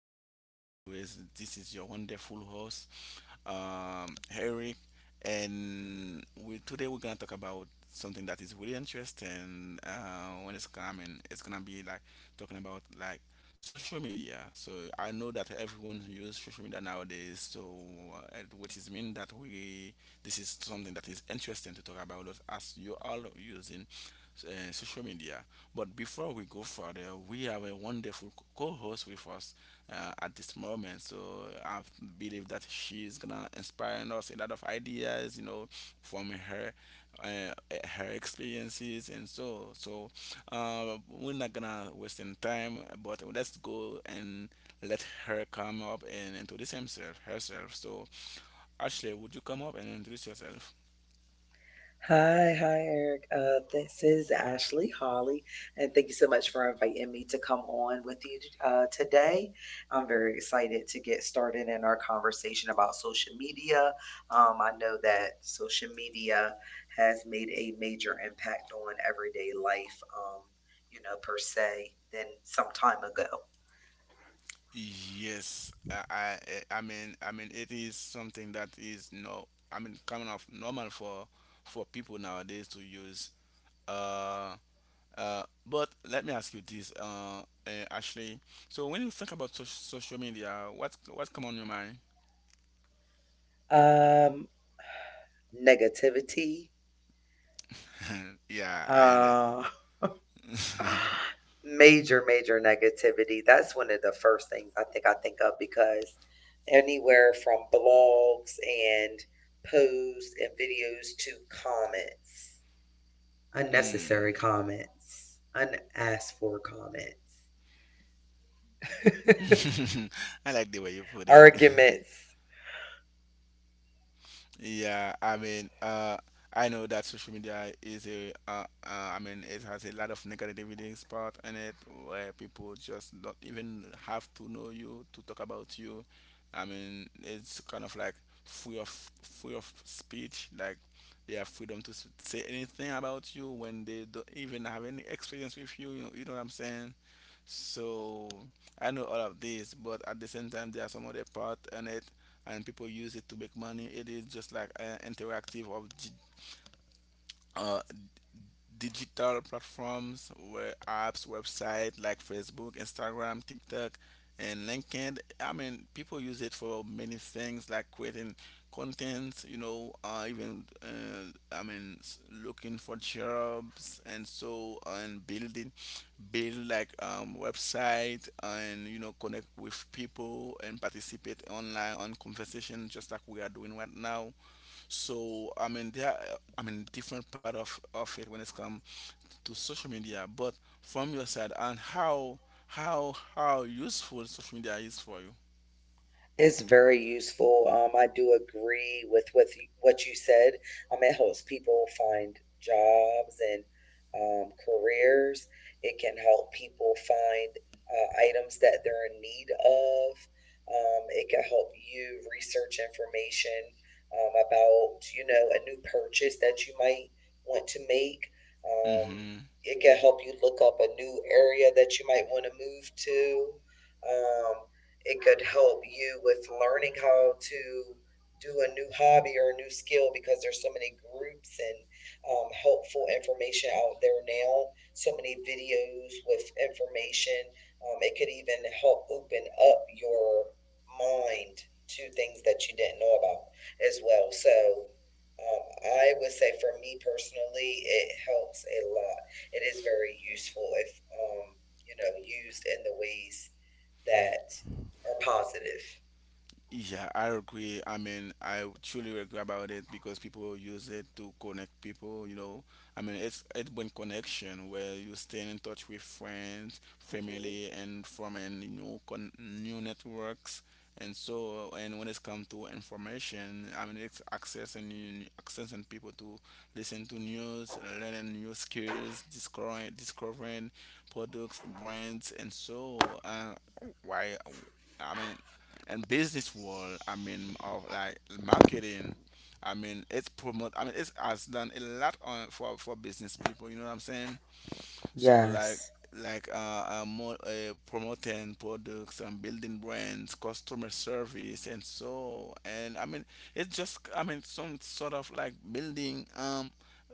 As always, this is your wonderful host, Eric, and we today we're gonna talk about something that is really interesting. When it's coming, it's gonna be like talking about like social media. So I know that everyone uses social media nowadays. So and which is mean that we this is something that is interesting to talk about as you all using social media. But before we go further, we have a wonderful co host with us at this moment. So I believe that she's gonna inspire us a lot of ideas, you know, from her. Uh, Her experiences and so we're not gonna waste any time but let's go and let her come up and introduce himself herself so ashley would you come up and introduce yourself. Hi, hi, Eric. This is Ashley Holly, and thank you so much for inviting me to come on with you today. I'm very excited to get started in our conversation about social media. I know that social media has made a major impact on everyday life, per se, than some time ago. Yes, I mean, it is something that is no, I mean, coming off normal for people nowadays to use. Uh, but let me ask you this, Ashley. So when you think about social media, what's come on your mind? Um, Negativity. Yeah, I Uh. understand. Major negativity. That's one of the first things I think of, because anywhere from blogs and posts and videos to comments, Hmm. unnecessary comments, unasked for comments, I like the way you put it. arguments. Yeah, I know that social media is a, I mean, it has a lot of negativity part in it where people just don't even have to know you to talk about you. I mean, it's kind of like free of free of speech. Like they have freedom to say anything about you when they don't even have any experience with you. You know what I'm saying? So I know all of this, but at the same time, there are some other part in it and people use it to make money. It is just like an interactive of uh, digital platforms where apps, website like Facebook, Instagram, TikTok, and LinkedIn. I mean, people use it for many things like creating content, you know, even I mean, looking for jobs and so on, build like website and you know connect with people and participate online on conversation just like we are doing right now. So I mean different part of it when it's come to social media, but from your side and how useful social media is for you. It's very useful. I do agree with what you said. It helps people find jobs and careers. It can help people find items that they're in need of. It can help you research information about, a new purchase that you might want to make. Um, Hmm. it can help you look up a new area that you might want to move to. Um, it could help you with learning how to do a new hobby or a new skill, because there's so many groups and helpful information out there now. So many videos with information. It could even help open up your mind to things that you didn't know about as well. So um, I would say for me personally, it helps a lot. It is very useful if, used in the ways that are positive. Yeah, I agree. I mean, I truly agree about it because people use it to connect people, you know. I mean, it brings connection where you stay in touch with friends, Mhm. family, and from a new networks. And so, and when it's come to information, I mean, it's accessing people to listen to news, learning new skills, discovering products, brands, and so why I mean, and business world I mean of like marketing I mean it has done a lot on for business people you know what I'm saying so Yes. like more, promoting products and building brands, customer service, and so and I mean some sort of like building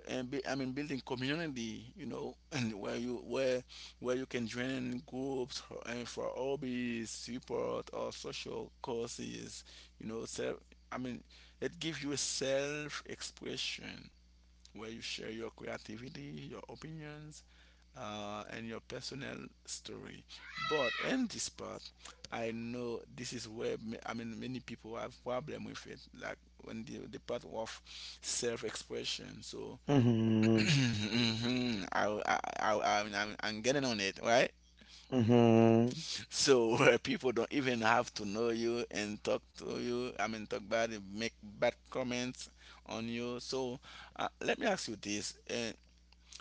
and I mean building community, you know, and where you can join in groups for- and for hobbies, support or social causes, you know. So I mean it gives you a self expression where you share your creativity, your opinions, and your personal story. But in this part, I know this is where I mean many people have problem with it, like when the part of self-expression. So Hmm. I mean, I'm getting on it, right? So where people don't even have to know you and talk to you. I mean, talk bad, make bad comments on you. So let me ask you this: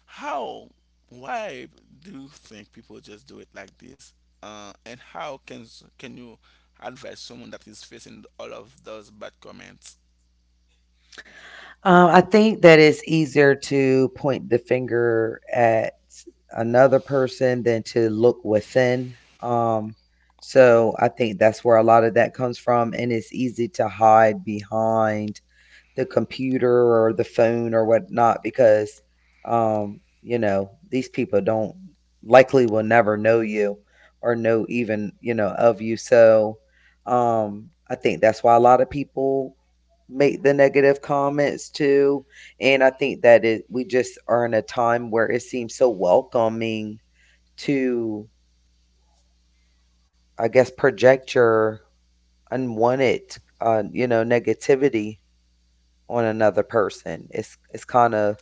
how, why do you think people just do it like this? And how can can you advise someone that is facing all of those bad comments? I think that it's easier to point the finger at another person than to look within. Um, so I think that's where a lot of that comes from, and it's easy to hide behind the computer or the phone or whatnot, because these people don't likely will never know you, or know even you know of you. So I think that's why a lot of people make the negative comments too. And I think that it we just are in a time where it seems so welcoming to, I guess, project your unwanted negativity on another person. It's kind of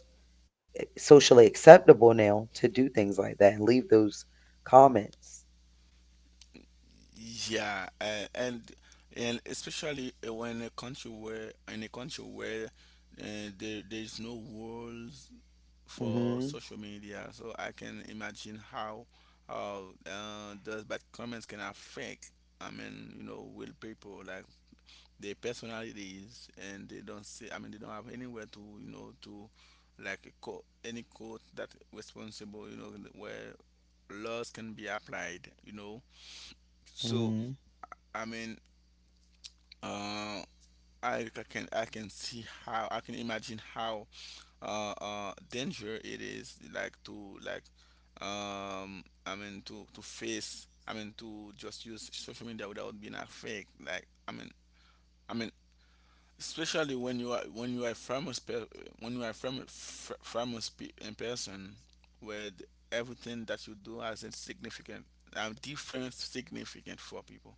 socially acceptable now to do things like that and leave those comments. Yeah, and especially when a country where in a country where there there is no rules for Mhm. social media, so I can imagine how those bad comments can affect. I mean, you know, will people like their personalities and they don't see they don't have anywhere to you know to like a court any court that responsible you know where laws can be applied you know so Mhm. i mean uh can I can see how I can imagine how danger it is like to like to face to just use social media without being a fake i mean especially when you are a when you are famous in person with everything that you do has insignificant different significant for people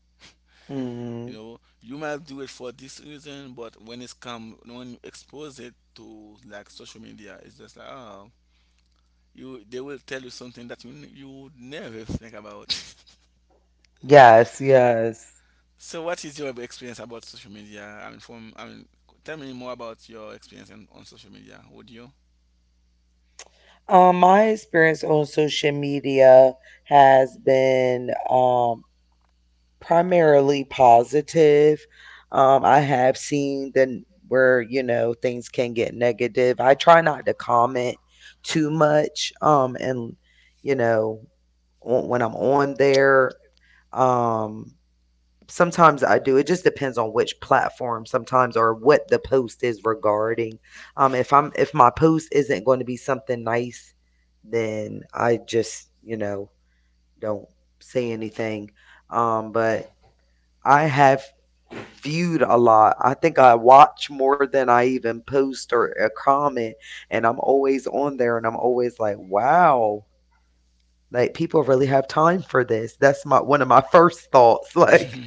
you Mhm. know you might do it for this reason but when it's come when you expose it to like social media it's just like oh you they will tell you something that you would never think about Yes, yes. so what is your experience about social media I mean from I mean tell me more about your experience on social media would you. My experience on social media has been primarily positive. I have seen the where, things can get negative. I try not to comment too much, and you know, when I'm on there. um Sometimes I do. It just depends on which platform sometimes, or what the post is regarding. If my post isn't going to be something nice, then I just, don't say anything. But I have viewed a lot. I think I watch more than I even post or comment, and I'm always on there, and I'm always like, wow, like people really have time for this. That's my one of my first thoughts. Hmm. Like,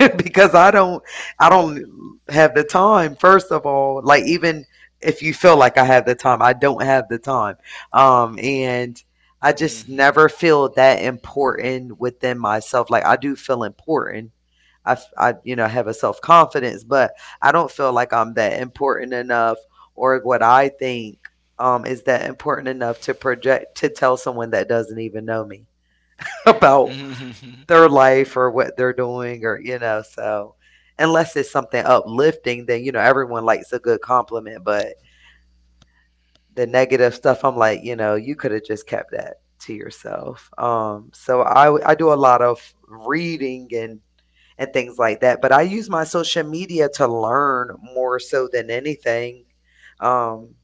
because I don't have the time, first of all. Like, even if you feel like I have the time, I don't have the time, and I just never feel that important within myself. Like, I do feel important. I have a self-confidence, but I don't feel like I'm that important enough, or what I think is that important enough to project, to tell someone that doesn't even know me about their life or what they're doing, or so unless it's something uplifting. Then, everyone likes a good compliment, but the negative stuff, I'm like, you could have just kept that to yourself. So I do a lot of reading and things like that, but I use my social media to learn more so than anything. um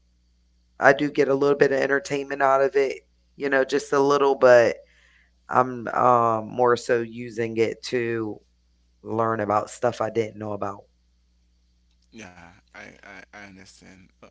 I do get a little bit of entertainment out of it, just a little, but I'm more so using it to learn about stuff I didn't know about. Yeah, I understand. Uh,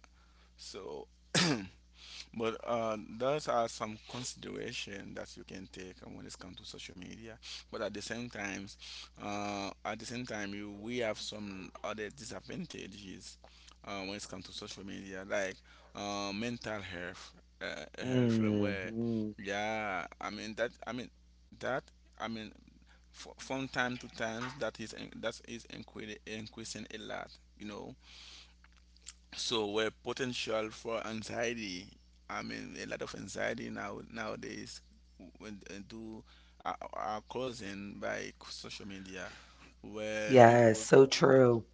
So, but those are some consideration that you can take when it comes to social media. But at the same time, you we have some other disadvantages when it comes to social media, like mental health, health where, Mm-hmm. yeah, that, I mean from time to time that that increasing a lot you know so where potential for anxiety a lot of anxiety nowadays when do are causing by social media where Yes, people so true.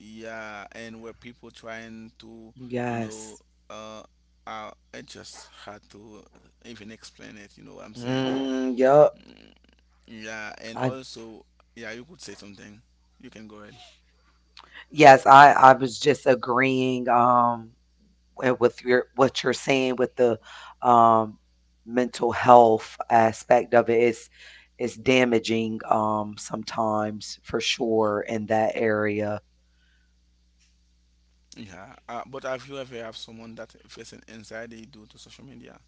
yeah and where people trying to you know Yes. uh I just had to even explain it you know what I'm saying Mm, yep. yeah and I also yeah you could say something you can go ahead. Yes, I was just agreeing, with your what you're saying with the um mental health aspect of it. It's damaging, sometimes, for sure, in that area. Yeah, but have you ever have someone that facing anxiety due to social media?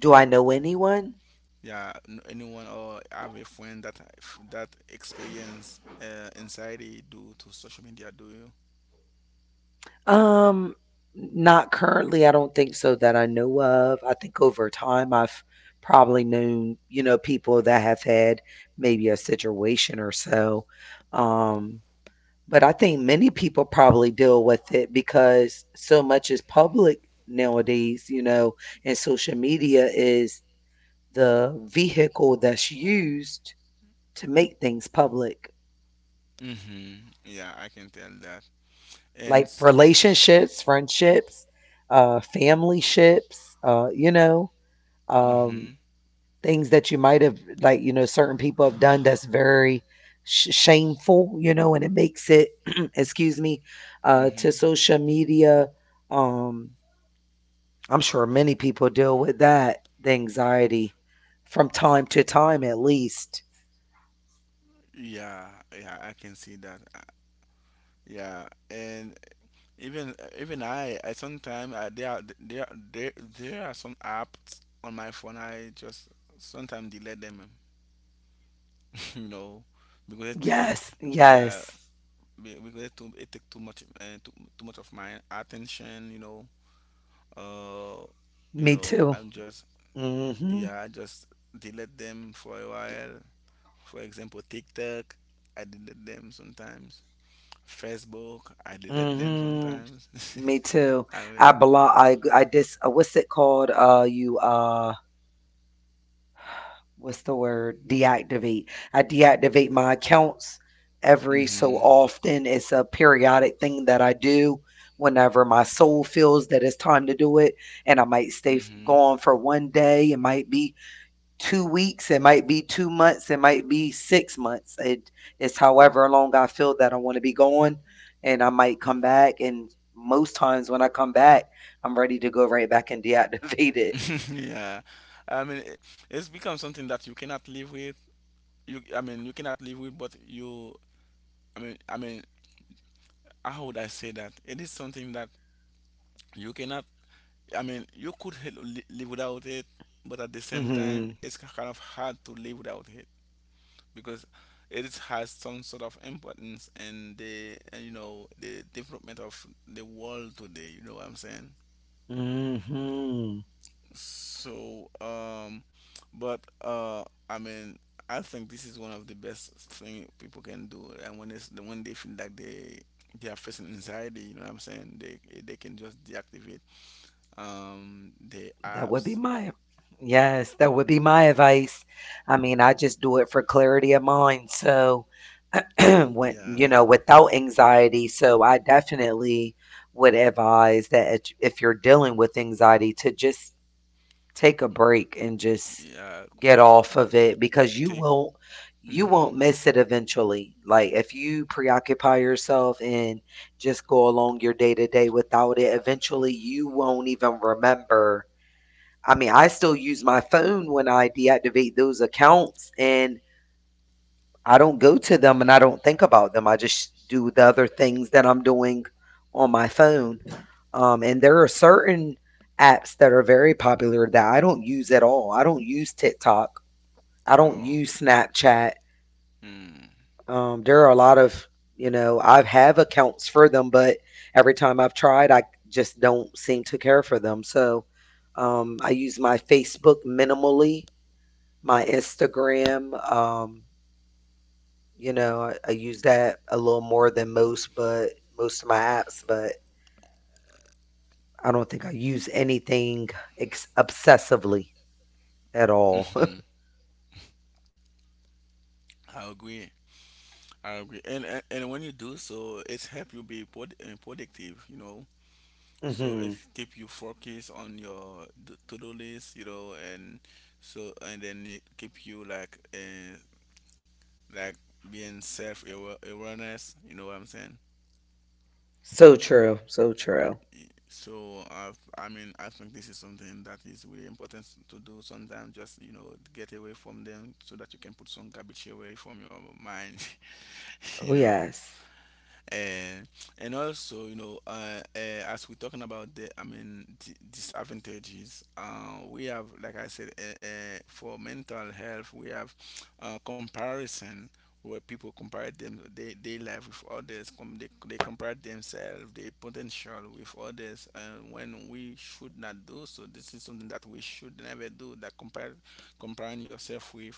Do I know anyone? Yeah, anyone or have a friend that that experience anxiety due to social media? Do you? Um, Not currently, I don't think so, that I know of. I think over time I've probably known, people that have had maybe a situation or so. Um, but I think many people probably deal with it because so much is public nowadays, and social media is the vehicle that's used to make things public, Mm-hmm. Yeah, I can tell that. And like relationships, friendships, family ships. um, mm-hmm. Things that you might have, like, certain people have done that's very shameful, and it makes it, excuse me, to Mm-hmm. social media. Um, I'm sure many people deal with that, the anxiety, from time to time, at least. Yeah, yeah, I can see that. Yeah, and even I sometimes there are some apps on my phone. I just sometimes delete them. No, because it Yes, yeah, yes, because it, too, it take too much too much of my attention, you know. Uh, me too. I'm just Mm-hmm. yeah, I just delete them for a while. For example, TikTok, I delete them sometimes. Facebook, I delete them Mm-hmm. sometimes. Me too. I I belong. I dis. What's it called? You. What's the word? Deactivate. I deactivate my accounts every so mean, often. It's a periodic thing that I do whenever my soul feels that it's time to do it. And I might stay mhm, gone for one day. It might be 2 weeks. It might be 2 months. It might be 6 months. It's however long I feel that I want to be gone, and I might come back. And most times when I come back, I'm ready to go right back and deactivate it. mhm, yeah. I mean, it's become something that you cannot live with. I mean, you cannot live with, but you, I mean, how would I say that? It is something that you cannot. I mean, you could live without it, but at the same time, Hmm. it's kind of hard to live without it because has some sort of importance in the you know the development of the world today. You know what I'm saying? Hmm. So, but I mean, I think this is one of the best thing people can do. And when it's when they feel like they are facing anxiety, you know what I'm saying? They can just deactivate the That would be apps. my, yes, that would be my advice. I mean, I just do it for clarity of mind. So, when, Yeah. Without anxiety. So, I definitely would advise that, if you're dealing with anxiety, to just take a break and just Yeah. get off of it, because you Take. won't you Mm-hmm. won't miss it eventually. Like, if you preoccupy yourself and just go along your day to day without it, eventually you won't even remember. I mean, I still use my phone when I deactivate those accounts, and I don't go to them and I don't think about them. I just do the other things that I'm doing on my phone. And there are certain apps that are very popular that I don't use at all. I don't use TikTok. I don't Oh. use Snapchat. Mm. There are a lot of, I have accounts for them, but every time I've tried, I just don't seem to care for them. So I use my Facebook minimally. My Instagram, I use that a little more than most, but most of my apps, but I don't think I use anything obsessively at all. Mm-hmm. I agree, I agree, and when you do so it's help you be productive you know so it Hmm. keep you focused on your to-do list you know and so and then it keep you like like being self-awareness you know what I'm saying. So true. So true. So i I mean, I think this is something that is really important to do sometimes. Just you know, get away from them so that you can put some garbage away from your mind. you Oh, know, yes. and and also, as we're talking about the disadvantages, we have, like I said, for mental health we have comparison, where people compare them they life with others, they compare themselves, their potential with others. And when we should not do so. This is something that we should never do, that compare comparing yourself with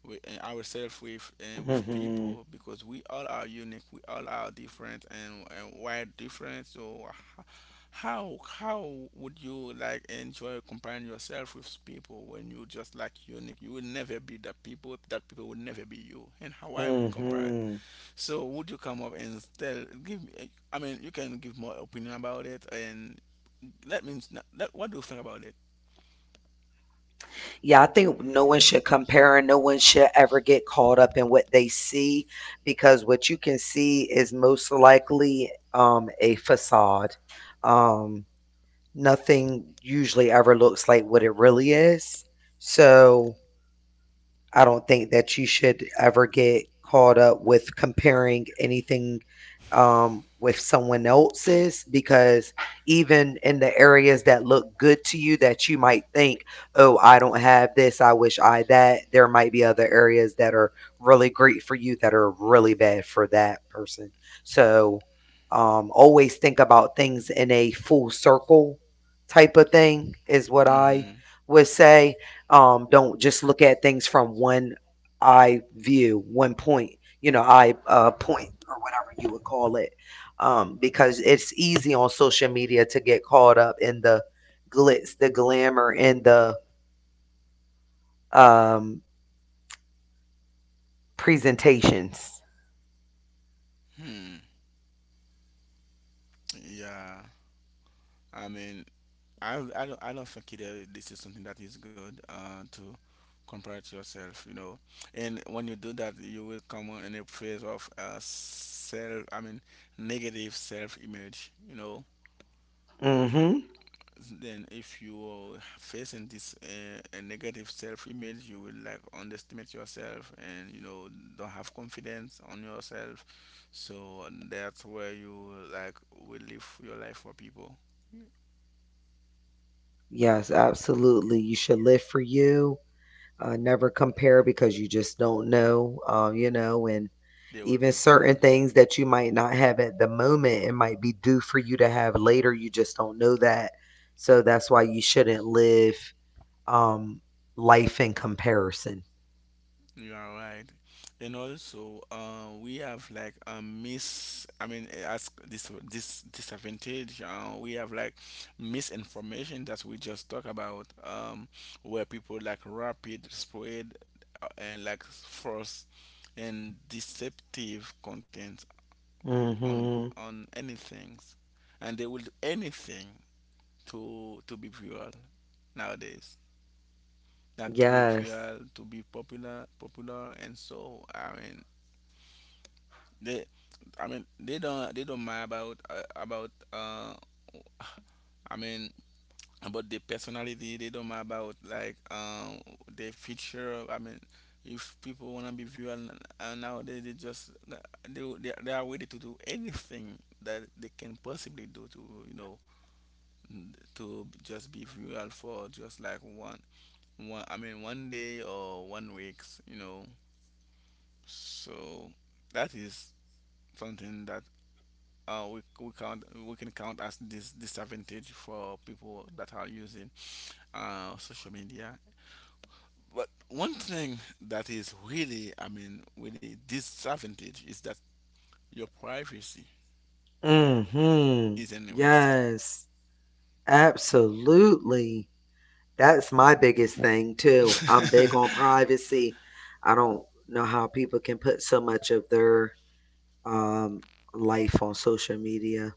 with uh, ourselves with, with Hmm. people, because we all are unique, we all are different. And why different? So how would you like enjoy comparing yourself with people, when you just like unique? You will never be that people, that people will never be you. And how I would compare it? Hmm. So would you come up and tell give me, I mean, you can give more opinion about it. And let me what do you think about it? Yeah, I think no one should compare, and no one should ever get caught up in what they see, because what you can see is most likely a facade. Um, Nothing usually ever looks like what it really is. So I don't think that you should ever get caught up with comparing anything with someone else's, because even in the areas that look good to you, that you might think, oh, I don't have this, I wish I that, there might be other areas that are really great for you that are really bad for that person. So always think about things in a full circle type of thing, is what I hmm would say. Don't just look at things from one eye view, one point, eye point, or whatever you would call it, because it's easy on social media to get caught up in the glitz, the glamour, and the um, presentations. hmm yeah, I mean, I don't think it, this is something that is good, to compare to yourself, you know. And when you do that, you will come on in a phase of, self, I mean, negative self image, you know. Mm-hmm. Then, if you are facing this, a negative self image, you will like underestimate yourself and, you know, don't have confidence on yourself. So, that's where you like will live your life for people, Yes, absolutely. You should live for you, never compare, because you just don't know, and the whole even picture. certain things that you might not have at the moment, it might be due for you to have later. You just don't know that. So that's why you shouldn't live um, life in comparison. You are right. And also, we have like a I mean, as this disadvantage, we have like misinformation that we just talk about, where people like rapid spread, and like false and deceptive content on Mm-hmm. Anything, and they will do anything to be viral nowadays, like to be Yes. viral, to be popular, popular, and so, I mean, They, I mean, they don't mind about, I mean, about their personality. They don't mind about like, um, their feature. I mean, if people wanna be viewed, and nowadays they just, they are ready to do anything that they can possibly do to, you know, to just be viewed for just like one one I mean one day or one weeks. You know, so that is something that, we can count as this disadvantage for people that are using, social media. But one thing that is really, I mean, really disadvantage, is that your privacy Mm-hmm. is in risk. Yes. Absolutely. That's my biggest thing too. I'm big on privacy. I don't know how people can put so much of their um, life on social media.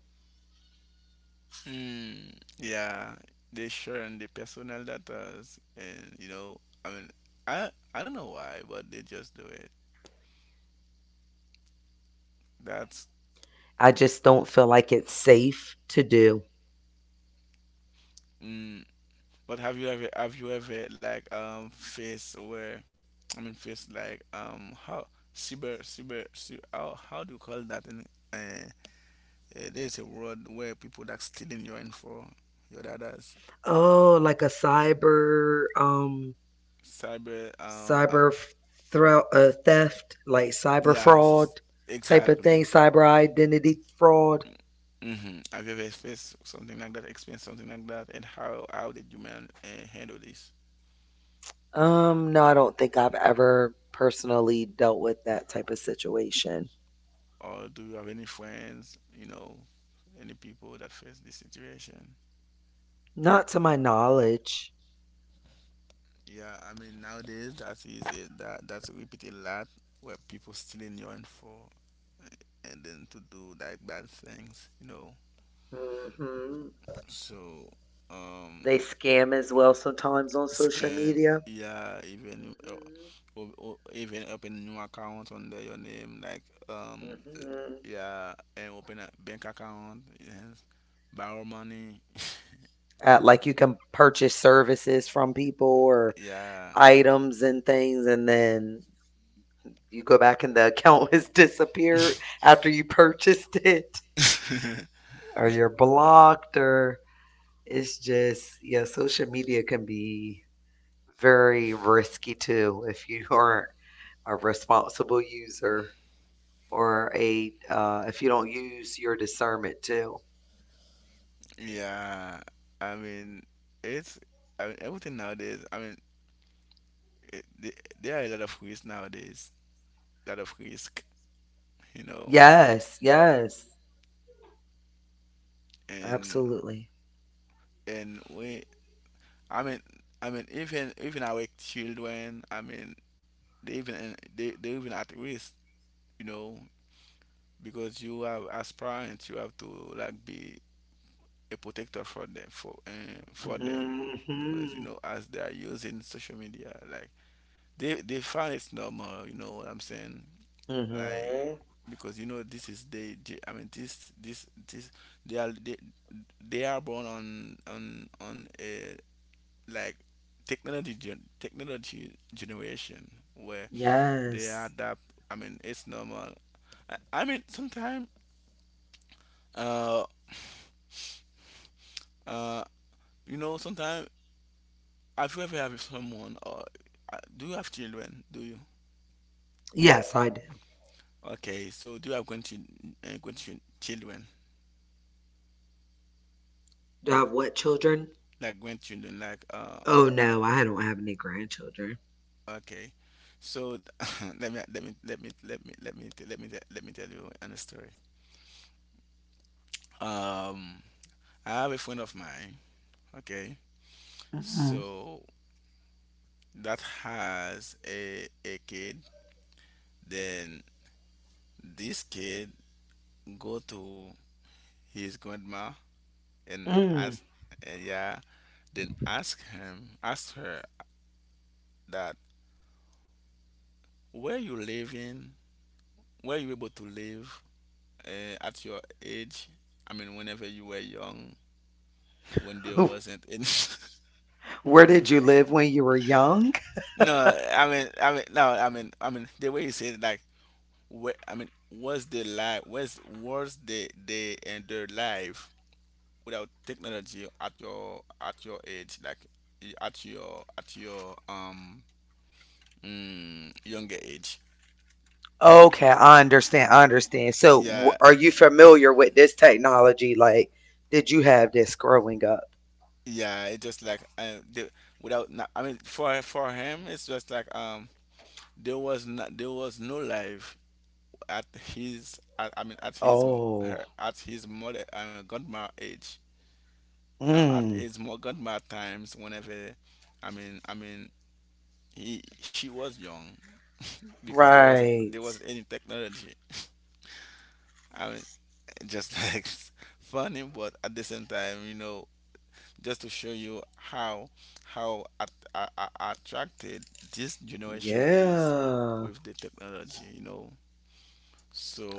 Hmm. Yeah, they sharing the personal data, and, you know, I mean, I don't know why, but they just do it. That's I just don't feel like it's safe to do. mm, but have you ever, like um, faced where, I mean, faced like, um, how how do you call that in, uh, uh there's a word where people that stealing your info, your data's, Oh, like a cyber cyber cyber theft, like cyber yeah fraud type of exactly. thing, cyber identity fraud. Mm-hmm. Have you ever faced something like that, experienced something like that, and how did you man handle this, No, I don't think I've ever personally dealt with that type of situation. or do you have any friends, you know, any people that face this situation? Not to my knowledge. Yeah, I mean, nowadays that is it, that's repeat a lot, where people stealing your info, and then to do like bad things, you know. Hmm. So um, They scam as well sometimes on social scam, media. yeah, even, or even open new account under your name, like, Hmm. um, Hmm. yeah, and open a bank account, yes, borrow money, Like, you can purchase services from people or yeah. items and things, and then you go back and the account has disappeared after you purchased it, or you're blocked, or it's just, yeah, social media can be very risky too if you aren't a responsible user, or a if you don't use your discernment too. Yeah, I mean, it's, I mean, everything nowadays. I mean, it, there are a lot of risks nowadays, a lot of risk, you know. Yes, yes, and absolutely. and we, I mean, I mean, even our children, I mean, they even, they even at risk, you know, because you have, as parents you have to like be a protector for them, for, them, because, Hmm. you know, as they are using social media, like, they find it's normal. You know what I'm saying? Like, Hmm. because, you know, this is they. I mean, this they are they, they are born on a, like, technology generation where they Yes. adapt. I mean, it's normal. I mean, sometimes, uh uh you know, sometimes have you ever have someone or, do you have children? Do you? Yes, I do. Okay, so do you have children? Do I have what children? Like grandchildren, like uh. Oh, no, I don't have any grandchildren. Okay, so let me let me let me let me let me t- let me t- let me tell you an story, um, I have a friend of mine, okay, Mm-mm. so, that has a kid, then this kid go to his grandma and Mm. ask, and yeah, then ask him ask her that, where you living, where you able to live, at your age? I mean, whenever you were young, when there Ooh. wasn't any. Where did you live when you were young? No, I mean, no, the way you said it, like, where, I mean, was the life, was the and their life without technology at your age, like, at your um, mm, younger age? Okay, Bec- I understand. I understand. So, yeah, are you familiar with this technology? Like, did you have this growing up? yeah, it's just like, without. No- I mean, for him, it's just like, um, there was no life at his, I mean, at his, Oh. her at his mother I mean grandma age, at Mm. his more grandma times, whenever, I mean I mean he she was young, because there Right. wasn't any technology, I mean, just like, funny, but at the same time, you know, just to show you how attracted this generation is Yeah. with the technology, you know.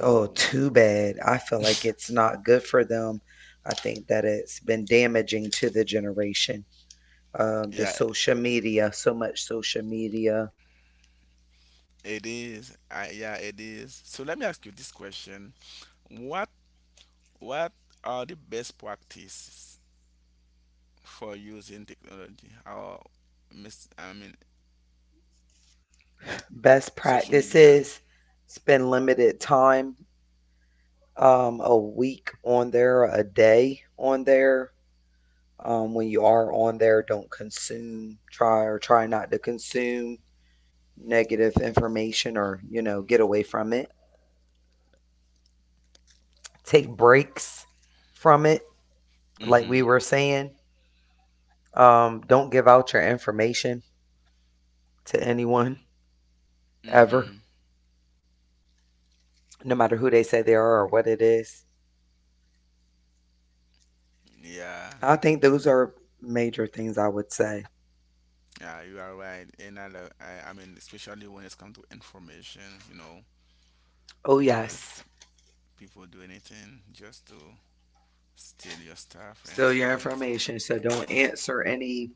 Oh, too bad. I feel like it's not good for them. I think that it's been damaging to the generation, the yeah. social media, so much social media. It is. I, yeah, it is. So let me ask you this question. What what are the best practices for using technology or, mis I mean, Best social media? practices: spend limited time, a week on there, a day on there. When you are on there, don't consume, try or try not to consume negative information, or, get away from it. Take breaks from it, like we Mm-hmm. were saying. Don't give out your information to anyone ever, Mm-hmm. no matter who they say they are or what it is. Yeah. I think those are major things I would say. Yeah, you are right. And I, I mean, especially when it's come to information, you know, Oh, because, yes. People do anything just to steal your stuff and Still so your and so. information. So don't answer any,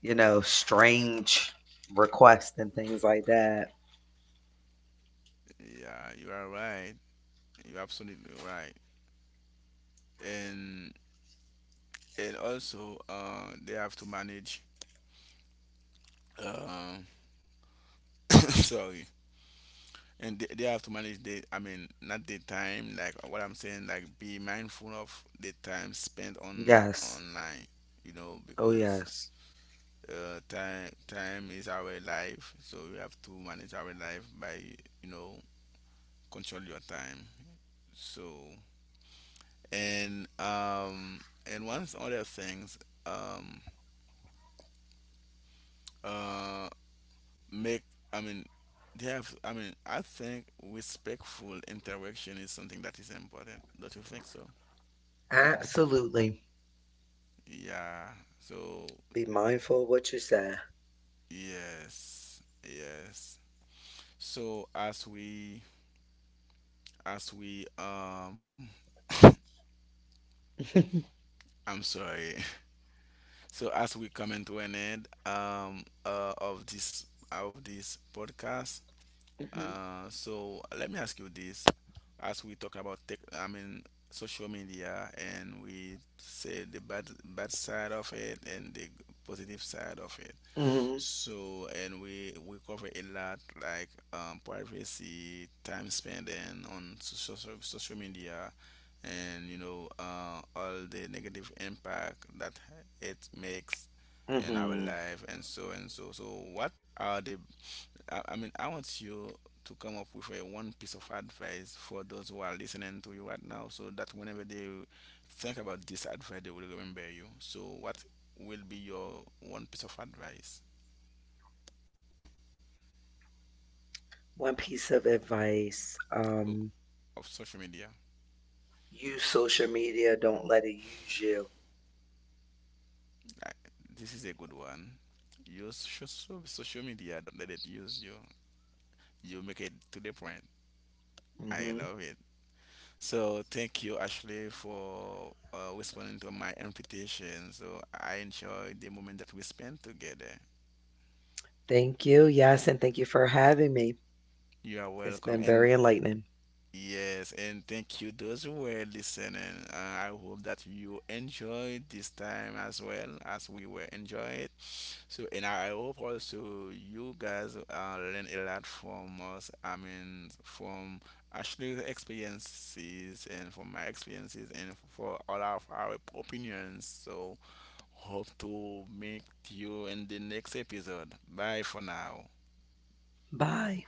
strange requests and things like that. Yeah, you are right. You're absolutely right. And and also, they have to manage. Um, sorry, they have to manage the. I mean, not the time. Like what I'm saying, like, be mindful of the time spent on Yes. online. You know, Oh, because, yes. Time is our life, so we have to manage our life by, you know, control your time. So, and um, and one other things, um, uh, make i mean they have, I mean, I think respectful interaction is something that is important. Don't you think so? Absolutely. Yeah, so, Be mindful of what you say. yes, yes. So as we, as we um, I'm sorry, so as we come into an end, of this, of this podcast. Mhm. So let me ask you this: as we talk about tech, I mean, social media, and we say the bad bad side of it and the positive side of it. Mhm. So, and we cover a lot, like, privacy, time spent and on social media, and, you know, all the negative impact that it makes in Mhm. our life and so and so. So what are the, I mean, I want you to come up with a one piece of advice for those who are listening to you right now, so that whenever they think about this advice, they will remember you. So, what will be your one piece of advice, One piece of advice. O- of social media? Use social media. Don't let it use you. I, this is a good one. Use social media. Don't let it use you. You make it to the point. Mhm. I love it. So thank you, Ashley, for, responding to my invitation. So I enjoyed the moment that we spent together. Thank you. Yes, and thank you for having me. You are It's been welcome. very And enlightening. yes, and thank you those who were listening. I hope that you enjoyed this time as well as we were enjoying it. So, and I hope also you guys, learn a lot from us. I mean, from Ashley's experiences and from my experiences and for all of our opinions. So, hope to meet you in the next episode. Bye for now. Bye.